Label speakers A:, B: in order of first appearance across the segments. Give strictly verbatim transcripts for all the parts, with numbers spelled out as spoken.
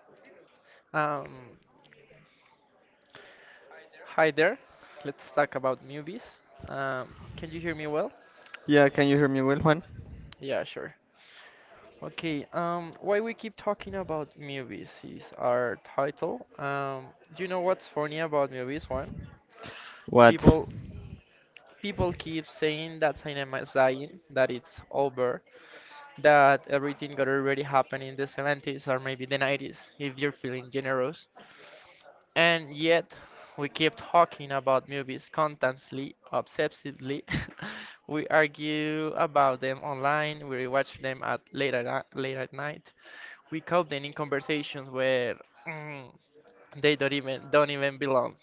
A: Um, Hi there. Let's talk about movies. Um, can you hear me well?
B: Yeah, can you hear me well, Juan?
A: Yeah, sure. Okay, um, why we keep talking about movies is our title. Um, do you know what's funny about movies, one?
B: What?
A: People people keep saying that cinema is dying, that it's over, that everything got already happened in the seventies or maybe the nineties, if you're feeling generous. And yet, we keep talking about movies constantly, obsessively. We argue about them online, we rewatch them at late at, ni- late at night. We caught them in conversations where mm, they don't even don't even belong.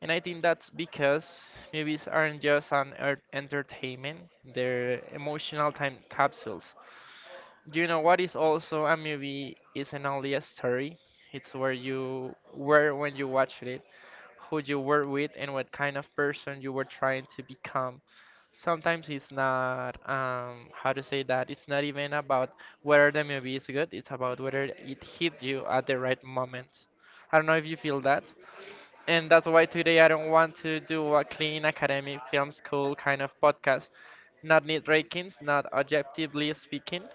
A: And I think that's because movies aren't just an er- entertainment; they're emotional time capsules. You know what is also a movie isn't only a story; it's where you were when you watched it, who you were with and what kind of person you were trying to become. Sometimes it's not, um, how to say that, it's not even about whether the movie is good, it's about whether it hit you at the right moment. I don't know if you feel that. And that's why today I don't want to do a clean academic film school kind of podcast. Not need rankings, not objectively speaking.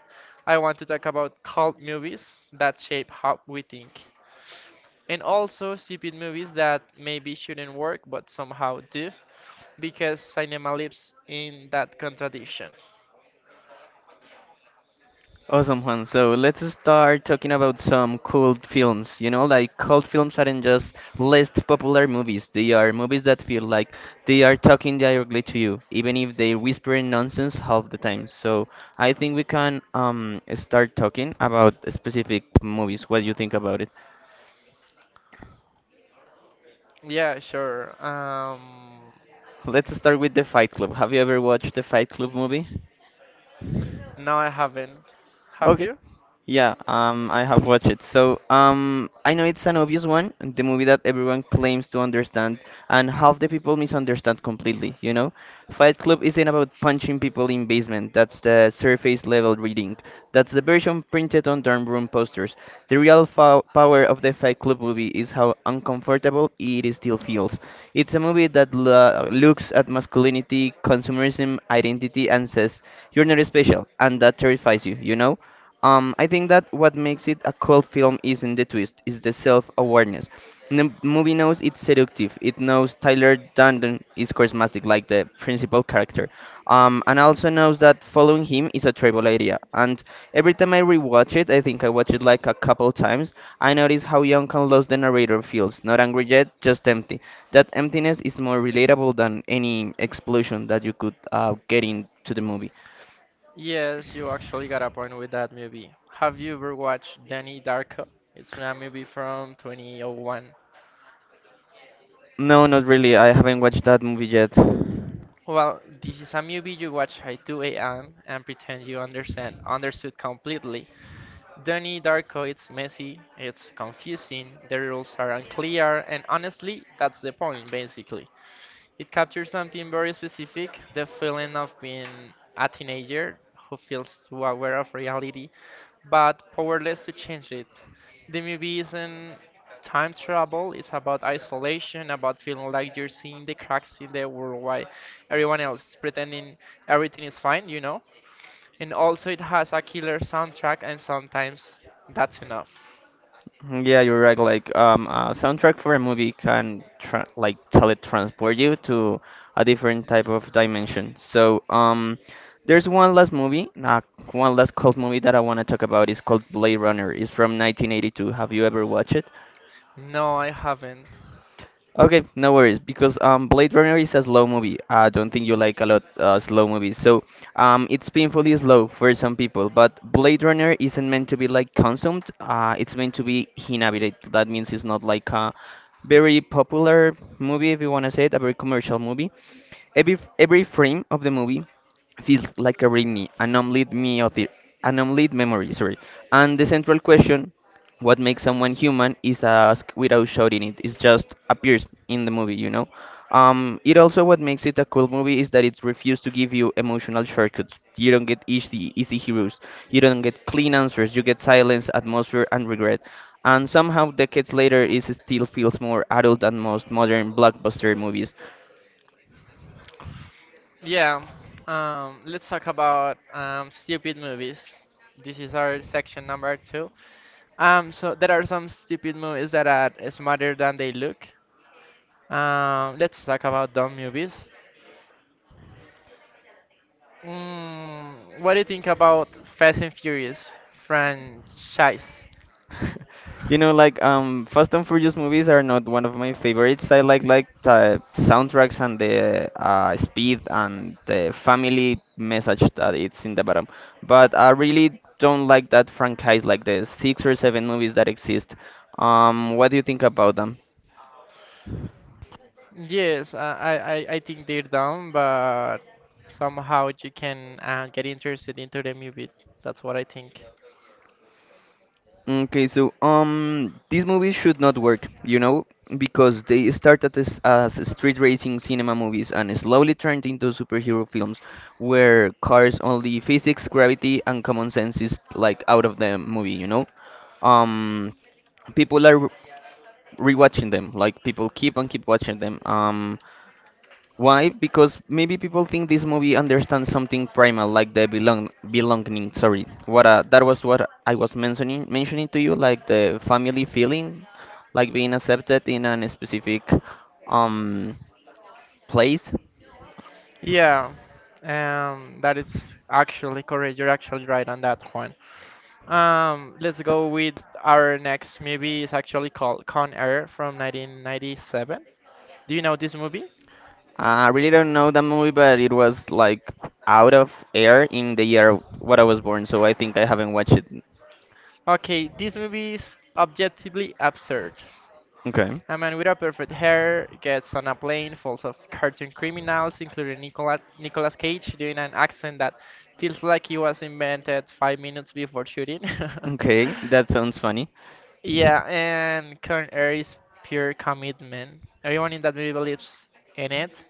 A: I want to talk about cult movies that shape how we think, and also stupid movies that maybe shouldn't work but somehow do, because cinema lives in that contradiction.
B: Awesome, Juan. So let's start talking about some cult films. You know, like cult films aren't just least popular movies. They are movies that feel like they are talking directly to you, even if they whisper nonsense half the time. So I think we can um start talking about specific movies. What do you think about it?
A: Yeah, sure. Um,
B: Let's start with The Fight Club. Have you ever watched The Fight Club movie?
A: no, I haven't. Have
B: Okay.
A: you?
B: Yeah, um, I have watched it. So, um, I know it's an obvious one, the movie that everyone claims to understand, and half the people misunderstand completely, you know? Fight Club isn't about punching people in basement. That's the surface level reading. That's the version printed on dorm room posters. The real fo power of the Fight Club movie is how uncomfortable it still feels. It's a movie that lo looks at masculinity, consumerism, identity, and says, you're not special, and that terrifies you, you know? Um, I think that what makes it a cult film isn't the twist, it's the self-awareness. The movie knows it's seductive. It knows Tyler Durden is charismatic, like the principal character, um, and also knows that following him is a terrible idea. And every time I rewatch it, I think I watch it like a couple times. I notice how young and lost the narrator feels, not angry yet, just empty. That emptiness is more relatable than any explosion that you could uh, get into the movie.
A: Yes, you actually got a point with that movie. Have you ever watched Danny Darko? It's a movie from twenty oh one.
B: No, not really. I haven't watched that movie yet. Mm,
A: Well, this is a movie you watch at two a m and pretend you understand understood completely. Donnie Darko, it's messy, it's confusing, the rules are unclear, and honestly, that's the point basically. It captures something very specific: the feeling of being a teenager who feels too aware of reality but powerless to change it. The movie isn't time travel, it's about isolation, about feeling like you're seeing the cracks in the world while everyone else pretending everything is fine, you know? And also, it has a killer soundtrack, and sometimes that's enough.
B: yeah, you're right. Like, um, a soundtrack for a movie can tra like teletransport you to a different type of dimension. So, um, there's one last movie, uh, one last cult movie that I want to talk about. It's called Blade Runner. It's from nineteen eighty-two. Have you ever watched it?
A: No, I haven't.
B: Okay, no worries, because um, Blade Runner is a slow movie. I don't think you like a lot uh, slow movies, so um, it's painfully slow for some people. But Blade Runner isn't meant to be like consumed. Uh, it's meant to be inhabited. That means it's not like a very popular movie, if you want to say it, a very commercial movie. Every, every frame of the movie feels like a readme, an unlit me of the, an unlit memory, sorry. And the central question, what makes someone human, is asked without shouting it. It just appears in the movie, you know. Um, it also what makes it a cool movie is that it's refused to give you emotional shortcuts. You don't get easy, easy heroes. You don't get clean answers. You get silence, atmosphere, and regret. And somehow, decades later, it still feels more adult than most modern blockbuster movies.
A: Yeah, um, let's talk about um, stupid movies. This is our section number two. Um, so there are some stupid movies that are smarter than they look. Um, let's talk about dumb movies. Mm, what do you think about Fast and Furious franchise?
B: You know, like um, Fast and Furious movies are not one of my favorites. I like like the soundtracks and the uh, speed and the family message that it's in the bottom. But I really don't like that franchise, like the six or seven movies that exist. Um, what do you think about them?
A: Yes, I, I, I I think they're down, but somehow you can uh, get interested into the movie. That's what I think.
B: Okay, so um, these movies should not work, you know, because they started as, as street racing cinema movies and slowly turned into superhero films where cars only physics, gravity, and common sense is like out of the movie, you know. Um, people are re- rewatching them, like people keep on keep watching them. Um, why? Because maybe people think this movie understands something primal, like the belong belonging. Sorry, what uh, that was what I was mentioning mentioning to you, like the family feeling, like being accepted in a specific um place.
A: Yeah, um, that is actually correct. You're actually right on that one. Um, let's go with our next movie. It's actually called Con Air from nineteen ninety-seven. Do you know this movie?
B: I really don't know that movie, but it was like out of air in the year what I was born, so I think I haven't watched it.
A: Okay, this movie is objectively absurd.
B: Okay,
A: A man with a perfect hair gets on a plane full of cartoon criminals, including Nicola, Nicolas Cage doing an accent that feels like he was invented five minutes before shooting.
B: okay, that sounds funny.
A: Yeah, and current air is pure commitment. Everyone in that movie believes in it.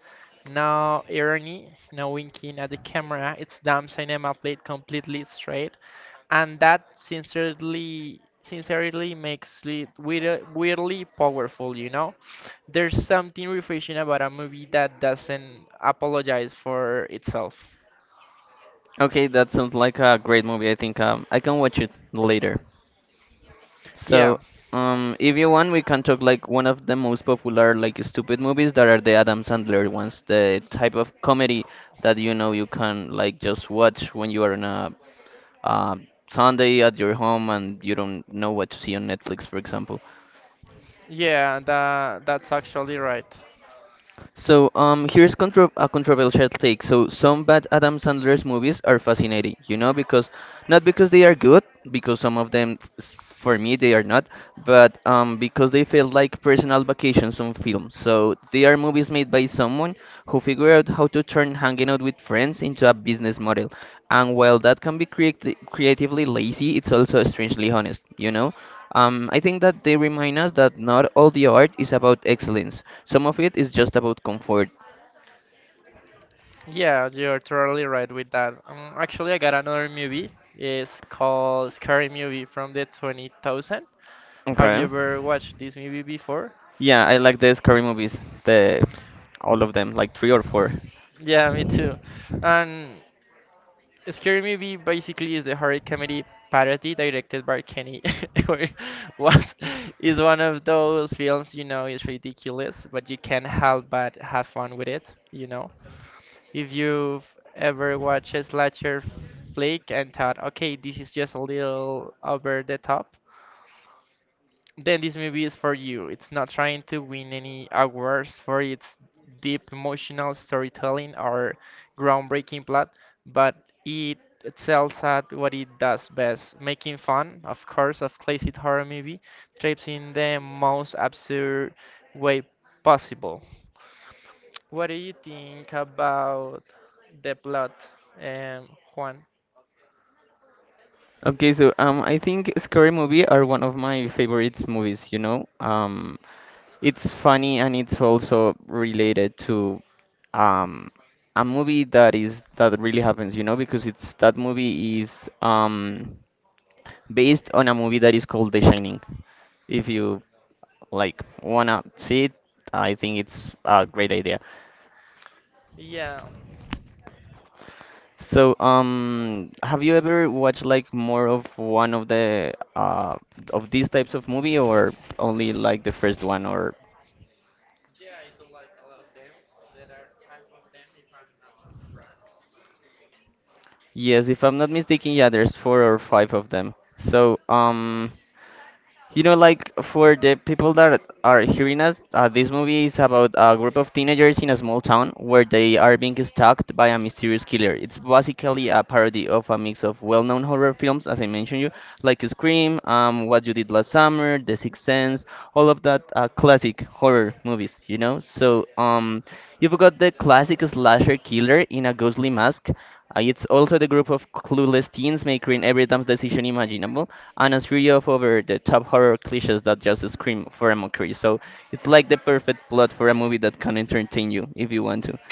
A: No irony, no winking at the camera. It's damn cinema played completely straight, and that sincerely, sincerely makes it weird, weirdly powerful. You know, there's something refreshing about a movie that doesn't apologize for itself.
B: Okay, that sounds like a great movie. I think um I can watch it later.
A: Yeah,
B: So, um, if you want, we can talk like one of the most popular like stupid movies that are the Adam Sandler ones, the type of comedy that you know you can like just watch when you are on a uh, Sunday at your home and you don't know what to see on Netflix, for example.
A: yeah, that that's actually right.
B: So um, here's contro a controversial take. So some bad Adam Sandler's movies are fascinating, you know, because not because they are good, because some of them, s- for me, they are not, but um, because they feel like personal vacations on film. So they are movies made by someone who figured out how to turn hanging out with friends into a business model. And while that can be creati- creatively lazy, it's also strangely honest, you know? Um, I think that they remind us that not all the art is about excellence. Some of it is just about comfort.
A: Yeah, you're totally right with that. Um, actually, I got another movie. It's called Scary Movie from the two thousand. Have you
B: Okay.
A: ever watched this movie before?
B: Yeah, I like the scary movies, the all of them, like three or four.
A: Yeah, me too. And Scary Movie basically is the horror comedy parody directed by Kenny. Or what is one of those films, you know, it's ridiculous, but you can't help but have fun with it, you know? If you've ever watched a slasher flick and thought, okay, this is just a little over the top, then this movie is for you. It's not trying to win any awards for its deep emotional storytelling or groundbreaking plot, but it excels at what it does best, making fun, of course, of classic horror movie tropes in the most absurd way possible. What do you think about the plot, um, Juan?
B: Okay, so um, I think scary movie are one of my favorite movies, you know? Um, It's funny and it's also related to um, a movie that is that really happens, you know, because it's that movie is um, based on a movie that is called The Shining. If you like wanna see it, I think it's a great idea.
A: Yeah,
B: So, um, have you ever watched like more of one of the uh of these types of movie or only like the first one or? Yes, if I'm not mistaken, yeah, there's four or five of them. So, um, you know, like for the people that are hearing us, uh, this movie is about a group of teenagers in a small town where they are being stalked by a mysterious killer. It's basically a parody of a mix of well-known horror films, as I mentioned you, like Scream, um, What You Did Last Summer, The Sixth Sense, all of that uh, classic horror movies. You know, so um, you've got the classic slasher killer in a ghostly mask. Uh, it's also the group of clueless teens making every dumb decision imaginable and a three of over the top horror cliches that just scream for a mockery. So it's like the perfect plot for a movie that can entertain you if you want to.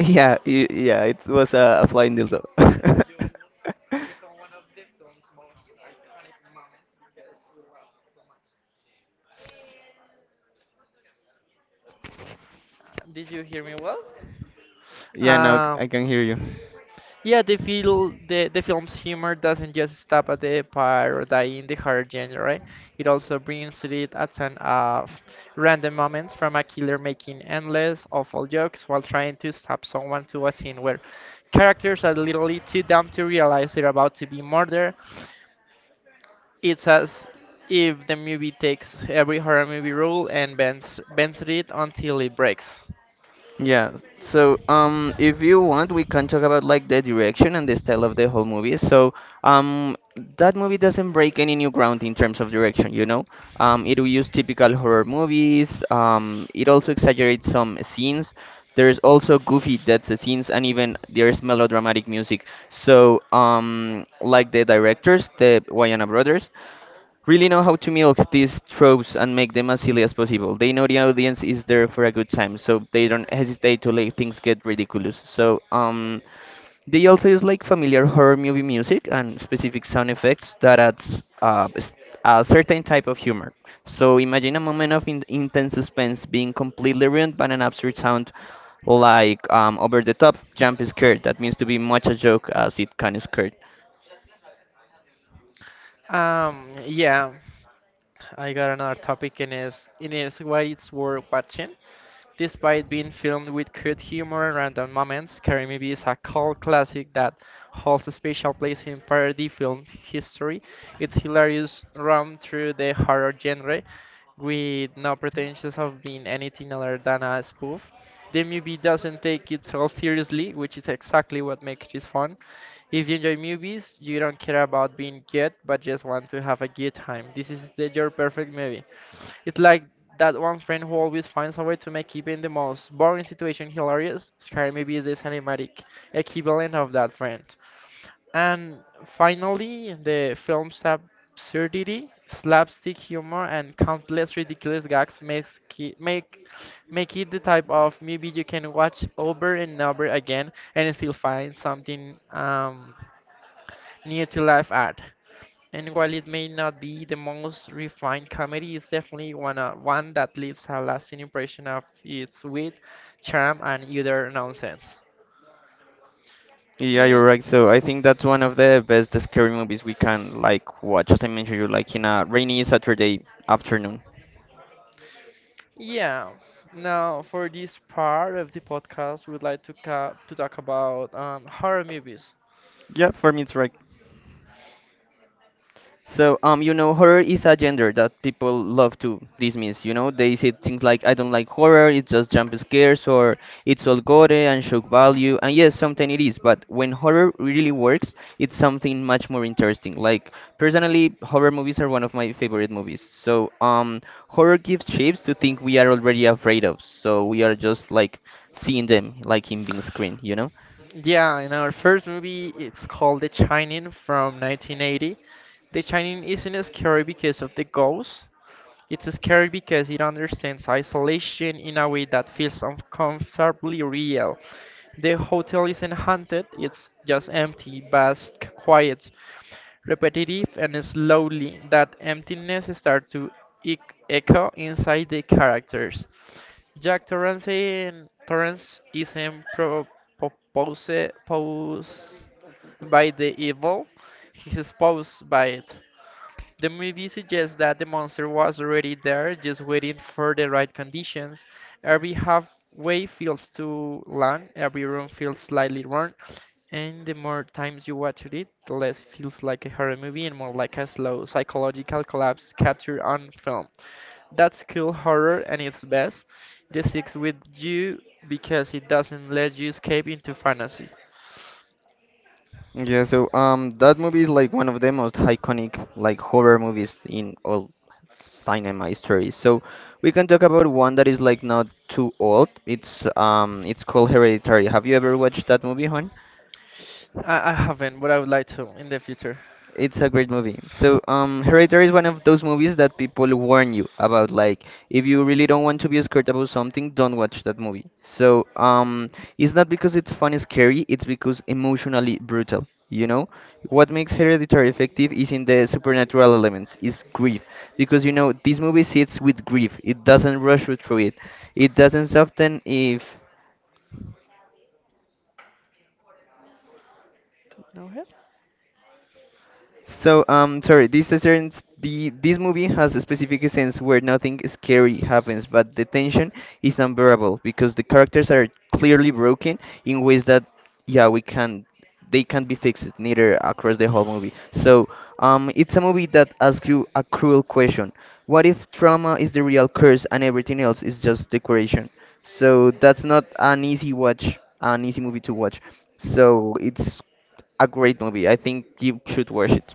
B: Yeah, y- yeah, it was a, a flying dildo.
A: did you hear me well?
B: yeah, now
A: Uh,
B: I can hear you.
A: Yeah, the feel the, the film's humor doesn't just stop at the parodying the horror genre, right? It also brings to it a ton of random moments, from a killer making endless awful jokes while trying to stop someone, to a scene where characters are literally too dumb to realize they're about to be murdered. It's as if the movie takes every horror movie rule and bends bends it until it breaks.
B: Yeah. s- So, um, if you want, we can talk about like the direction and the style of the whole movie. So, um, that movie doesn't break any new ground in terms of direction, you know? Um, it will use typical horror movies. Um, it also exaggerates some scenes. There's also goofy death scenes and even there's melodramatic music. So, um, like the directors, the Wayana brothers, really know how to milk these tropes and make them as silly as possible. They know the audience is there for a good time, so they don't hesitate to let things get ridiculous. So, um, they also use like familiar horror movie music and specific sound effects that adds uh, s- a certain type of humor. So imagine a moment of in- intense suspense being completely ruined by an absurd sound like um, over the top jump scare that means to be much a joke as it kind of scared.
A: Um, yeah. I got another topic, and is and is why it's worth watching. Despite being filmed with crude humor and random moments, Karamibi is a cult classic that holds a special place in parody film history. Its hilarious run through the horror genre, with no pretensions of being anything other than a spoof. The movie doesn't take itself seriously, which is exactly what makes it fun. If you enjoy movies, you don't care about being good, but just want to have a good time. This is the, your perfect movie. It's like that one friend who always finds a way to make even the most boring situation hilarious. Sky maybe is the cinematic equivalent of that friend. And finally, the film's absurdity, slapstick humor, and countless ridiculous gags makes ki- make make it the type of movie you can watch over and over again and still find something um, new to laugh at. And while it may not be the most refined comedy, it's definitely one, uh, one that leaves a lasting impression of its wit, charm, and utter nonsense.
B: Yeah, you're
A: Mm,
B: right. So I think that's one of the best scary movies we can like watch. As I mentioned, you like in a rainy Saturday afternoon.
A: yeah. Now, for this part of the podcast, we'd like to ca- to talk about um, horror movies.
B: Yeah, for me it's right. So, um, you know, horror is a gender that people love to dismiss. You know, they say things like, "I don't like horror; it's just jump scares," or "It's all gore and shock value." And yes, sometimes it is. But when horror really works, it's something much more interesting. Like personally, horror movies are one of my favorite movies. So, um, horror gives shapes to things we are already afraid of. So we are just like seeing them, like in being screen. You know.
A: Yeah, in our first movie, it's called The Shining from nineteen eighty. The Shining isn't as scary because of the ghosts. It's scary because it understands isolation in a way that feels uncomfortably real. The hotel isn't haunted, it's just empty, vast, quiet, repetitive, and slowly that emptiness starts to ec- echo inside the characters. Jack Torrance, Torrance isn't pro- proposed posed by the evil, he's posed by it. The movie suggests that the monster was already there, just waiting for the right conditions. Every halfway feels too long, every room feels slightly wrong, and the more times you watch it, the less it feels like a horror movie and more like a slow psychological collapse captured on film. That's cool horror and its best. This sticks with you because it doesn't let you escape into fantasy.
B: Yeah, so um, that movie is like one of the most iconic like horror movies in all cinema history. So we can talk about one that is like not too old. It's um, it's called Hereditary. Have you ever watched that movie?
A: I, I haven't, but I would like to in the future.
B: It's a great movie. So, um, Hereditary is one of those movies that people warn you about. Like, if you really don't want to be scared about something, don't watch that movie. So, um, it's not because it's fun and scary, it's because emotionally brutal. You know, what makes Hereditary effective is in the supernatural elements, is grief. Because, you know, this movie sits with grief, it doesn't rush you through it, it doesn't soften if.
A: No.
B: So, um, sorry, this is certain, s- the this movie has a specific sense where nothing scary happens, but the tension is unbearable because the characters are clearly broken in ways that, yeah, we can they can't be fixed neither across the whole movie. So, um, it's a movie that asks you a cruel question: what if trauma is the real curse and everything else is just decoration? So that's not an easy watch, an easy movie to watch. So it's a great movie. I think you should watch it.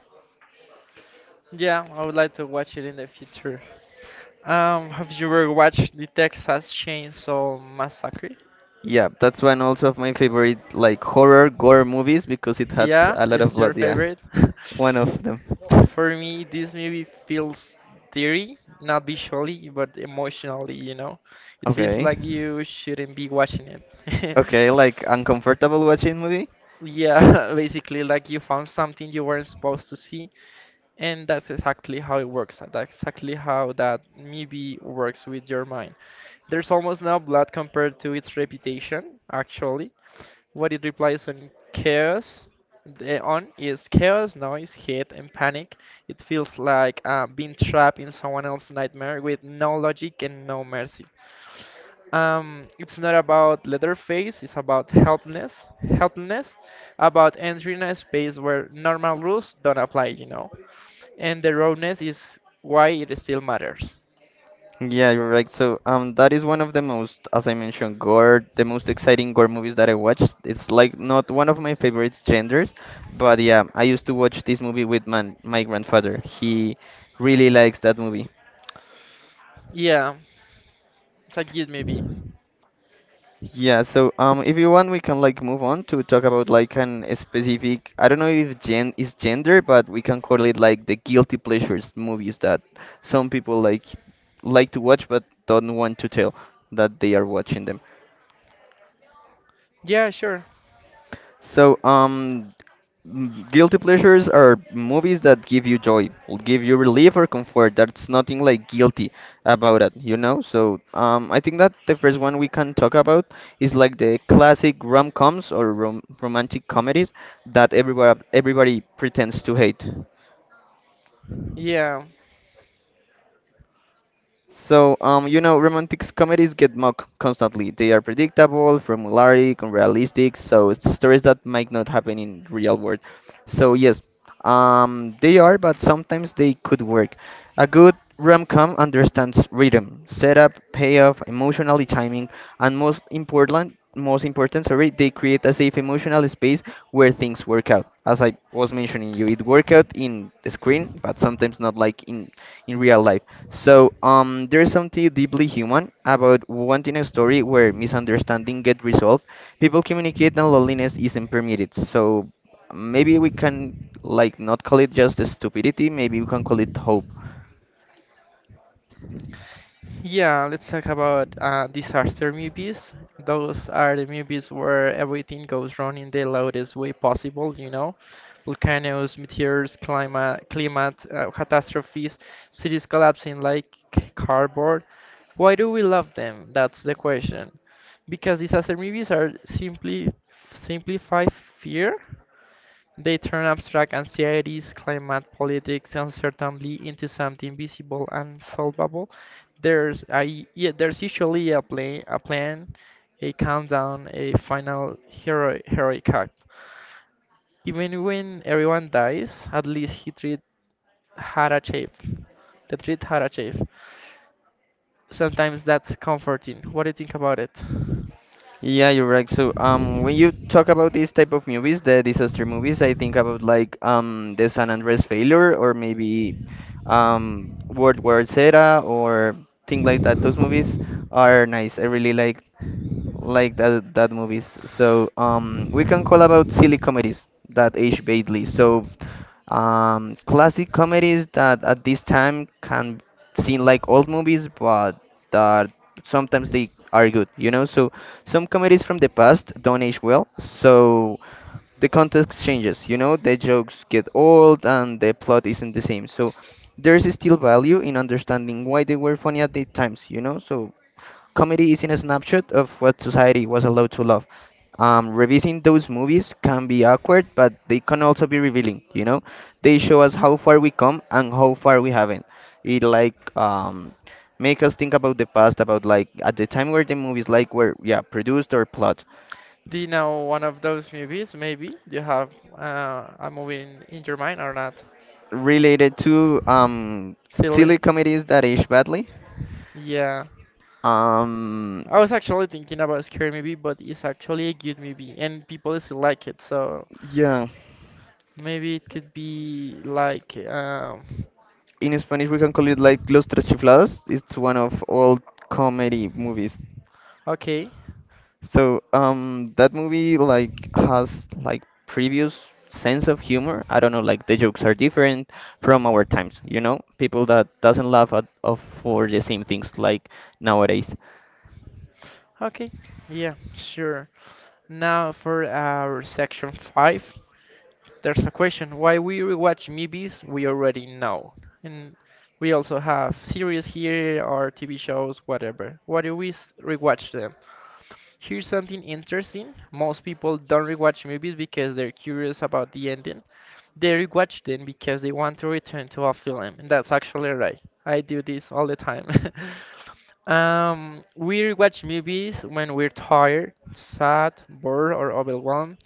A: Yeah, I would like to watch it in the future. Um, have you ever watched the Texas Chainsaw Massacre?
B: Yeah, that's one also of my favorite like horror gore movies because it had
A: Yeah,
B: a lot of
A: it's your
B: blood. Yeah,
A: favorite.
B: one of them.
A: For me, this movie feels dirty, not visually, but emotionally, you know? It feels
B: Okay,
A: like you shouldn't be watching it.
B: okay, like uncomfortable watching movie.
A: Yeah, basically, like you found something you weren't supposed to see. And that's exactly how it works. That's exactly how that maybe works with your mind. There's almost no blood compared to its reputation, actually. What it replies on chaos the on is chaos, noise, hate, and panic. It feels like uh, being trapped in someone else's nightmare with no logic and no mercy. Um, it's not about Leatherface, it's about helplessness, helplessness, about entering a space where normal rules don't apply, you know. And the rawness is why it still matters.
B: Yeah, you're right. So, um, that is one of the most, as I mentioned, gore, the most exciting gore movies that I watched. It's like not one of my favorite genders, but yeah, I used to watch this movie with man, my grandfather. He really likes that movie.
A: Yeah, Sajid maybe.
B: Yeah, so um, if you want, we can like move on to talk about like an a specific. I don't know if gen is gender, but we can call it like the guilty pleasures movies that some people like like to watch but don't want to tell that they are watching them.
A: Yeah, sure.
B: So, um, m- guilty pleasures are movies that give you joy, will give you relief or comfort. That's nothing like guilty about it, you know? So, um, I think that the first one we can talk about is like the classic rom-coms or rom romantic comedies that everybody everybody pretends to hate.
A: Yeah.
B: So, um, you know, romantic comedies get mocked constantly. They are predictable, formulaic, unrealistic, so it's stories that might not happen in real world. So yes, um, they are, but sometimes they could work. A good rom-com understands rhythm, setup, payoff, emotional timing, and most important, most important, sorry, they create a safe emotional space where things work out. As I was mentioning you, it work out in the screen, but sometimes not like in in real life. So, um, there's something deeply human about wanting a story where misunderstanding get resolved. People communicate and loneliness isn't permitted. So, maybe we can like not call it just stupidity. Maybe we can call it hope.
A: Yeah, let's talk about uh, disaster movies. Those are the movies where everything goes wrong in the loudest way possible, you know? Volcanoes, meteors, climate, climate uh, catastrophes, cities collapsing like cardboard. Why do we love them? That's the question. Because disaster movies are simply simplify fear, they turn abstract anxieties, climate, politics, uncertainty, into something visible and solvable. There's a, yeah, there's usually a plan, a plan, a countdown, a final hero, heroic act. Even when everyone dies, at least he treat had a shape. The treat had a shape. Sometimes that's comforting. What do you think about it?
B: Yeah, you're right. So, um, when you talk about these type of movies, the disaster movies, I think about like um the San Andreas failure or maybe um World War Z or thing like that. Those movies are nice. I really like like that that movies. So um, we can call about silly comedies that age badly. So um, classic comedies that at this time can seem like old movies, but that sometimes they are good. You know, so some comedies from the past don't age well. So the context changes. You know, the jokes get old and the plot isn't the same. So there's still value in understanding why they were funny at the times. You know, so comedy isn't a snapshot of what society was allowed to love. Um, revising those movies can be awkward, but they can also be revealing. You know, they show us how far we come and how far we haven't. It like um, make us think about the past, about like at the time where the movies like were yeah produced or plot
A: Do you know one of those movies? Maybe do you have uh, a movie in, in your mind or not?
B: related to um
A: Silly.
B: silly comedies that age badly.
A: Yeah.
B: Um,
A: I was actually thinking about Scary Movie, but it's actually a good movie, and people still like it. So
B: yeah.
A: maybe it could be like, um,
B: In Spanish we can call it like Los Tres Chiflados. It's one of old comedy movies.
A: okay,
B: So um, that movie like has like previous sense of humor. I don't know, like the jokes are different from our times. You know, people that doesn't laugh at of for the same things like nowadays.
A: okay, yeah, sure. Now for our section five. There's a question: why we rewatch movies we already know. And we also have series here or T V shows, whatever. Why do we s- rewatch them? Here's something interesting. Most people don't rewatch movies because they're curious about the ending. They rewatch them because they want to return to a film, and that's actually right. I do this all the time. Um, we rewatch movies when we're tired, sad, bored, or overwhelmed.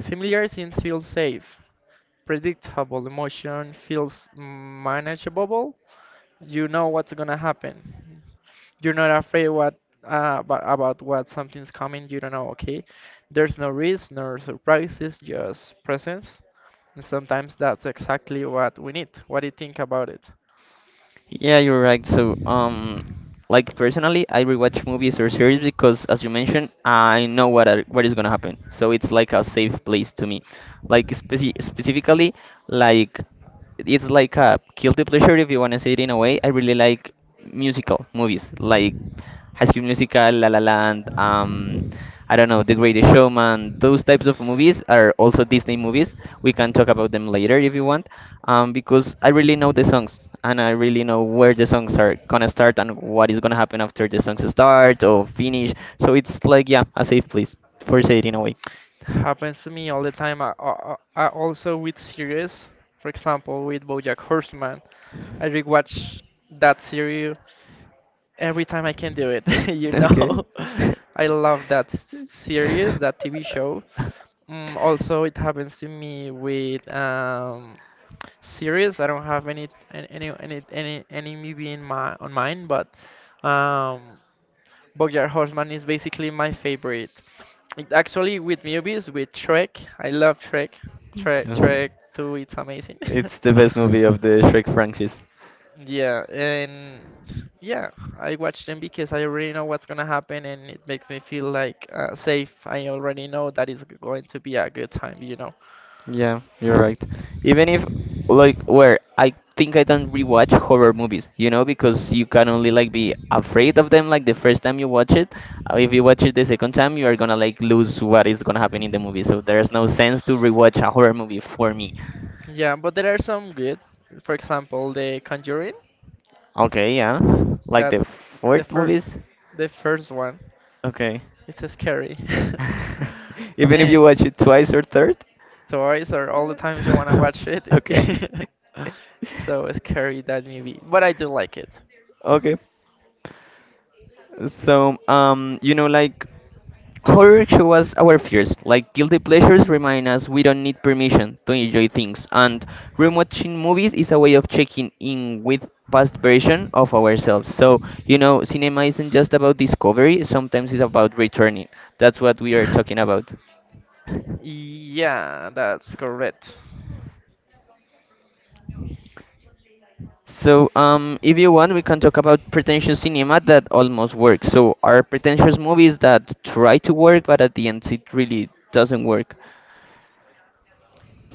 A: Familiar scenes feel safe, predictable emotion feels manageable. You know what's gonna happen. You're not afraid what uh, about, about what something's coming. You don't know. Okay, there's no risk, no surprises, just presence. And sometimes that's exactly what we need. What do you think about it?
B: Yeah, you're right. So, um, like personally, I rewatch movies or series because, as you mentioned, I know what are, what is gonna happen. So it's like a safe place to me. Like speci specifically, like it's like a guilty pleasure if you wanna say it in a way. I really like musical movies, like High School Musical, La La Land, um, I don't know, The Greatest Showman. Those types of movies are also Disney movies. We can talk about them later if you want um, because I really know the songs and I really know where the songs are gonna start and what is gonna happen after the songs start or finish. So it's like yeah, a safe place for say it in a way.
A: It happens to me all the time. I, I, I also with series, for example, with BoJack Horseman, I rewatch that series every time I can do it. you
B: Okay.
A: know, I love that s- series, that T V show. Mm, also, it happens to me with um, series. I don't have any an- any any any any movie in my on mine, but um, Bojack Horseman is basically my favorite. It actually with movies with Shrek. I love Shrek.
B: Me
A: Shrek
B: too.
A: Shrek two, it's amazing.
B: It's the best movie of the Shrek franchise.
A: Yeah, and yeah, I watch them because I already know what's gonna happen and it makes me feel like uh, safe. I already know that it's going to be a good time, you know.
B: Yeah, you're right. Even if like where I think I don't rewatch horror movies, you know, because you can only like be afraid of them like the first time you watch it. Uh, If you watch it the second time, you are gonna like lose what is gonna happen in the movie. So there's no sense to rewatch a horror movie for me.
A: Yeah, but there are some good. For example, The Conjuring.
B: Okay, yeah. Like the
A: That's the
B: fourth
A: first
B: movies.
A: the first one.
B: Okay.
A: It's scary.
B: Even if
A: And
B: you watch it twice or third?
A: twice or all the times you want to watch it.
B: Okay.
A: So scary that movie, but I do like it.
B: Okay. So, um, you know, like horror shows our fears, like guilty pleasures remind us we don't need permission to enjoy things, and rewatching movies is a way of checking in with past version of ourselves. So, you know, cinema isn't just about discovery, sometimes it's about returning. That's what we are talking about.
A: Yeah, that's correct.
B: So, um, if you want, we can talk about pretentious cinema that almost works. So, are pretentious movies that try to work, but at the end it really doesn't work.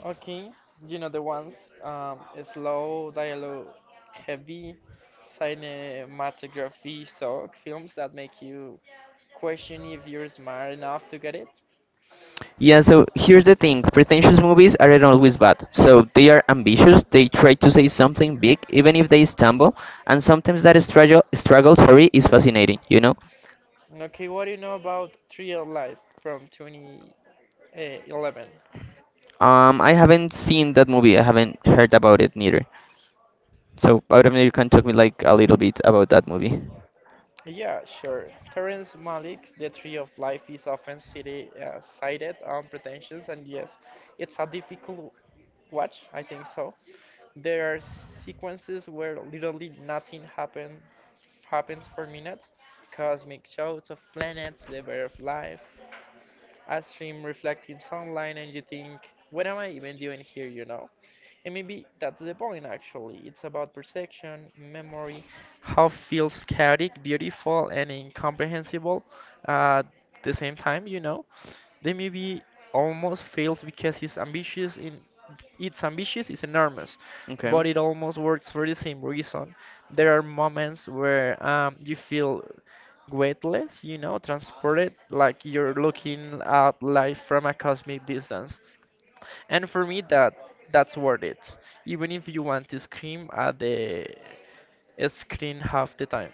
A: Okay, you know the ones, um, slow dialogue, heavy cinematography sock films that make you question if you're smart enough to get it.
B: Yeah, so here's the thing pretentious movies aren't always bad. So they are ambitious, they try to say something big, even if they stumble, and sometimes that struggle, struggle sorry, is fascinating, you know?
A: Okay, what do you know about Real Life from two thousand eleven?
B: Um, I haven't seen that movie, I haven't heard about it neither. So I don't know, you can talk me like a little bit about that movie.
A: Yeah, sure. Terrence Malick's The Tree of Life is often city, uh, cited on pretensions, and yes, it's a difficult watch, I think so. There are sequences where literally nothing happen, happens for minutes. Cosmic shouts of planets, the birth of life, a stream reflecting sunlight, and you think, what am I even doing here, you know? And maybe that's the point, actually. It's about perception, memory, how feels chaotic, beautiful, and incomprehensible at the same time, you know? The movie almost fails because it's ambitious in it's ambitious is enormous,
B: Okay.
A: but it almost works for the same reason. There are moments where um, you feel weightless, you know, transported, like you're looking at life from a cosmic distance, and for me that that's worth it even if you want to scream at the screen half the time.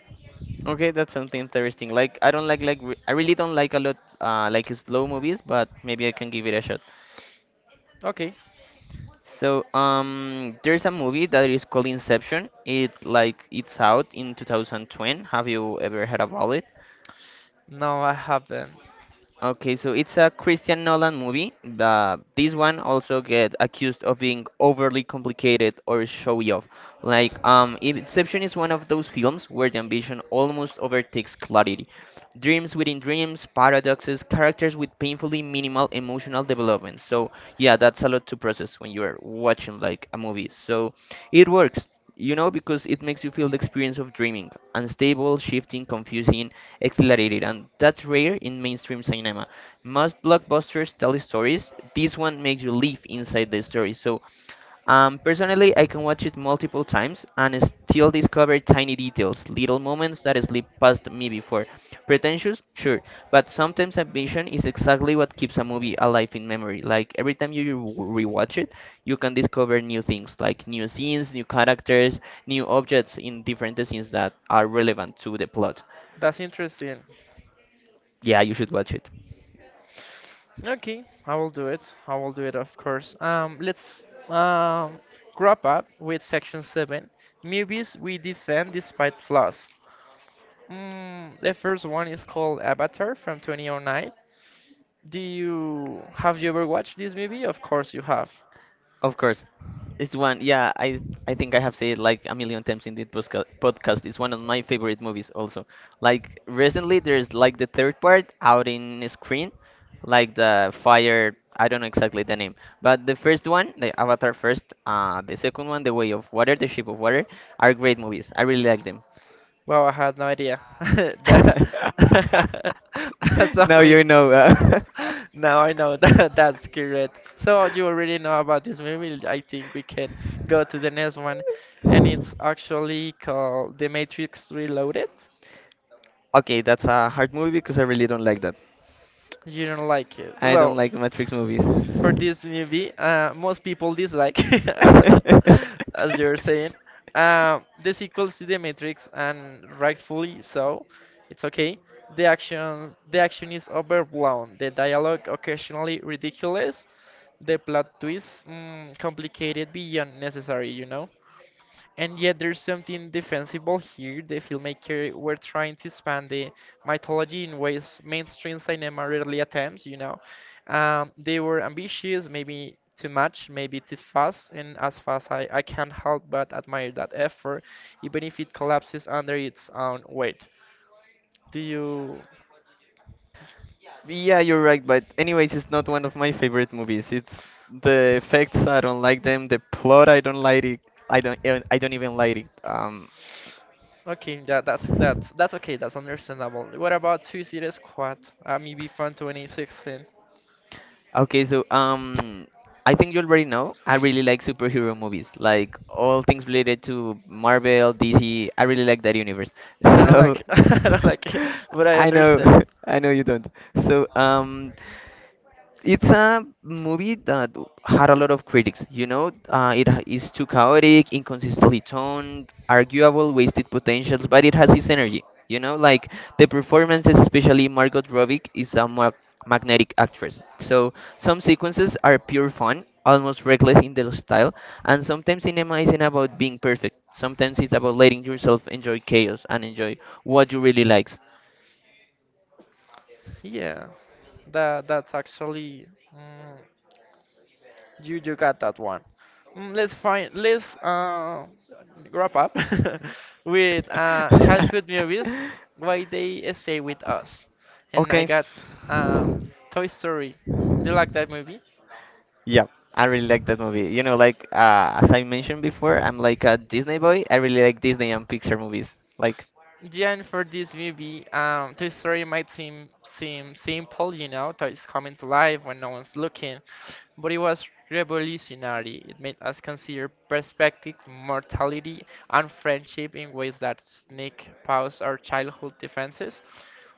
B: Okay, that's something interesting. Like I don't like like re I really don't like a lot uh like slow movies, but maybe I can give it a shot.
A: Okay.
B: So um there's a movie that is called Inception. It like it's out in two thousand twenty. Have you ever heard about it?
A: Now I have them.
B: Okay, so it's a Christian Nolan movie. Uh, this one also get accused of being overly complicated or showy off. Like, um, Inception is one of those films where the ambition almost overtakes clarity. Dreams within dreams, paradoxes, characters with painfully minimal emotional development. So yeah, that's a lot to process when you're watching like a movie. So it works you know, because it makes you feel the experience of dreaming, unstable, shifting, confusing, exhilarated, and that's rare in mainstream cinema. Most blockbusters tell stories, this one makes you live inside the story. So, um, personally, I can watch it multiple times and still discover tiny details, little moments that slip past me before. Pretentious? Sure, but sometimes ambition is exactly what keeps a movie alive in memory. Like every time you re- rewatch it, you can discover new things, like new scenes, new characters, new objects in different scenes that are relevant to the plot.
A: That's interesting.
B: Yeah, you should watch it.
A: Okay, I will do it. I will do it, of course. Um let's um wrap up with section seven, movies we defend despite flaws. Mm, the first one is called Avatar from twenty oh nine. Do you have you ever watched this movie? Of course you have.
B: Of course, it's one. Yeah, I I think I have said it like a million times in this posca- podcast. It's one of my favorite movies. Also, like recently, there's like the third part out in screen, like the fire. I don't know exactly the name, but the first one, the Avatar first, uh, the second one, The Way of Water, The Shape of Water, are great movies. I really like them.
A: Wow, I had no idea. That that's
B: Now you
A: amazing.
B: know. Uh,
A: Now I know that that's correct. So you already know about this movie. I think we can go to the next one, and it's actually called The Matrix Reloaded.
B: okay, that's a hard movie because I really don't like
A: You don't like it.
B: I don't
A: Well,
B: like Matrix movies.
A: for this movie, uh, most people dislike, as you're saying, um, the sequels to The Matrix, and rightfully so. It's okay. The action, the action is overblown. The dialogue occasionally ridiculous. The plot twist mm, complicated beyond necessary. You know. And yet there's something defensible here. The filmmaker were trying to expand the mythology in ways mainstream cinema rarely attempts, you know. Um, they were ambitious, maybe too much, maybe too fast, and as fast I, I can't help but admire that effort, even if it collapses under its own weight. Do you.
B: Yeah, you're right, but anyways, it's not one of my favorite movies. It's the effects, I don't like them. The plot, I don't like it. I don't, I don't even like it. Um,
A: Okay, that that's that's that's okay, that's understandable. What about Suicide Squad? I'm E B fan twenty sixteen.
B: Okay, so um, I think you already know. I really like superhero movies, like all things related to Marvel, D C. I really like that universe.
A: I don't
B: So
A: like I don't like it, but I
B: I know,
A: understand.
B: I know you don't. So um, it's a movie that had a lot of critics. You know, uh, it h- is too chaotic, inconsistently toned, arguable, wasted potentials, but it has its energy. You know, like the performances, especially Margot Robbie, is a ma- magnetic actress. So some sequences are pure fun, almost reckless in their style, and sometimes cinema isn't about being perfect. Sometimes it's about letting yourself enjoy chaos and enjoy what you really likes.
A: Yeah, that that's actually mm, you you got that one. Mm, let's find let's uh wrap up with uh childhood movies, why they stay with us. And I
B: Okay.
A: got uh Toy Story. Do you like that movie?
B: Yeah, I really like that movie. You know, like uh, as I mentioned before, I'm like a Disney boy. I really like Disney and Pixar movies. Like,
A: Yeah, and for this movie, um, the story might seem seem simple, you know, that it's coming to life when no one's looking, but it was revolutionary. It made us consider perspective, mortality, and friendship in ways that sneak past our childhood defenses.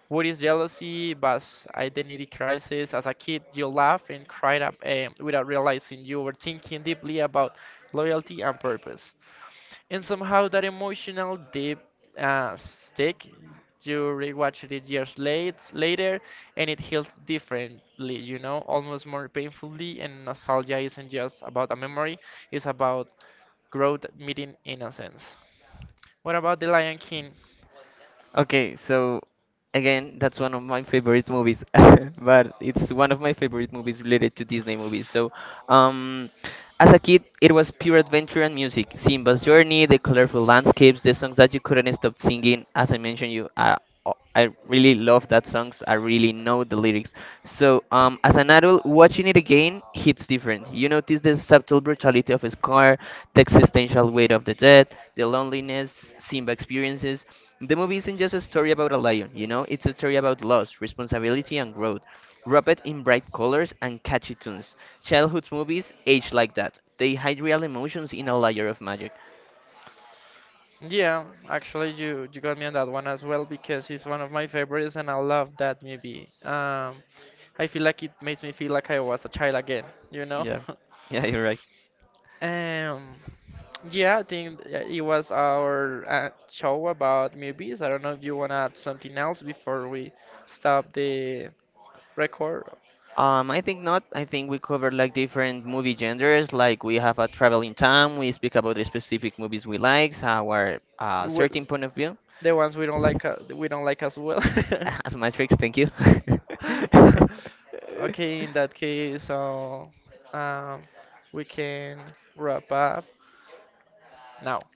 A: What is jealousy, was identity crisis? As a kid, you laugh and cried up eh, without realizing you were thinking deeply about loyalty and purpose. And somehow that emotional deep uh, stick. You rewatch it years late, later, and it heals differently, you know, almost more painfully. And nostalgia isn't just about a memory, it's about growth meeting innocence. What about The Lion King?
B: okay, so again, that's one of my favorite movies, but it's one of my favorite movies related to Disney movies. So, um, as a kid, it was pure adventure and music. Simba's journey, the colorful landscapes, the songs that you couldn't stop singing. As I mentioned, you, I, I really love that songs. I really know the lyrics. So, um, as an adult, watching it again hits different. You notice the subtle brutality of his car, the existential weight of the death, the loneliness Simba experiences. The movie isn't just a story about a lion, you know, it's a story about loss, responsibility, and growth. Wrapped in bright colors and catchy tunes. Childhood movies age like that. They hide real emotions in a layer of magic.
A: Yeah, actually, you, you got me on that one as well because it's one of my favorites and I love that movie. Um, I feel like it makes me feel like I was a child again, you know?
B: Yeah, yeah, you're right.
A: Um, yeah, I think uh, it was our uh, show about movies. I don't know if you want to add something else before we stop the record.
B: Um, I think not. I think we covered like different movie genres. Like we have a traveling time. We speak about the specific movies we like, our uh,
A: Well,
B: certain point of view.
A: the ones we don't like, uh, we don't like as well.
B: As Matrix, thank you.
A: Okay, in that case, so um, we can wrap up now.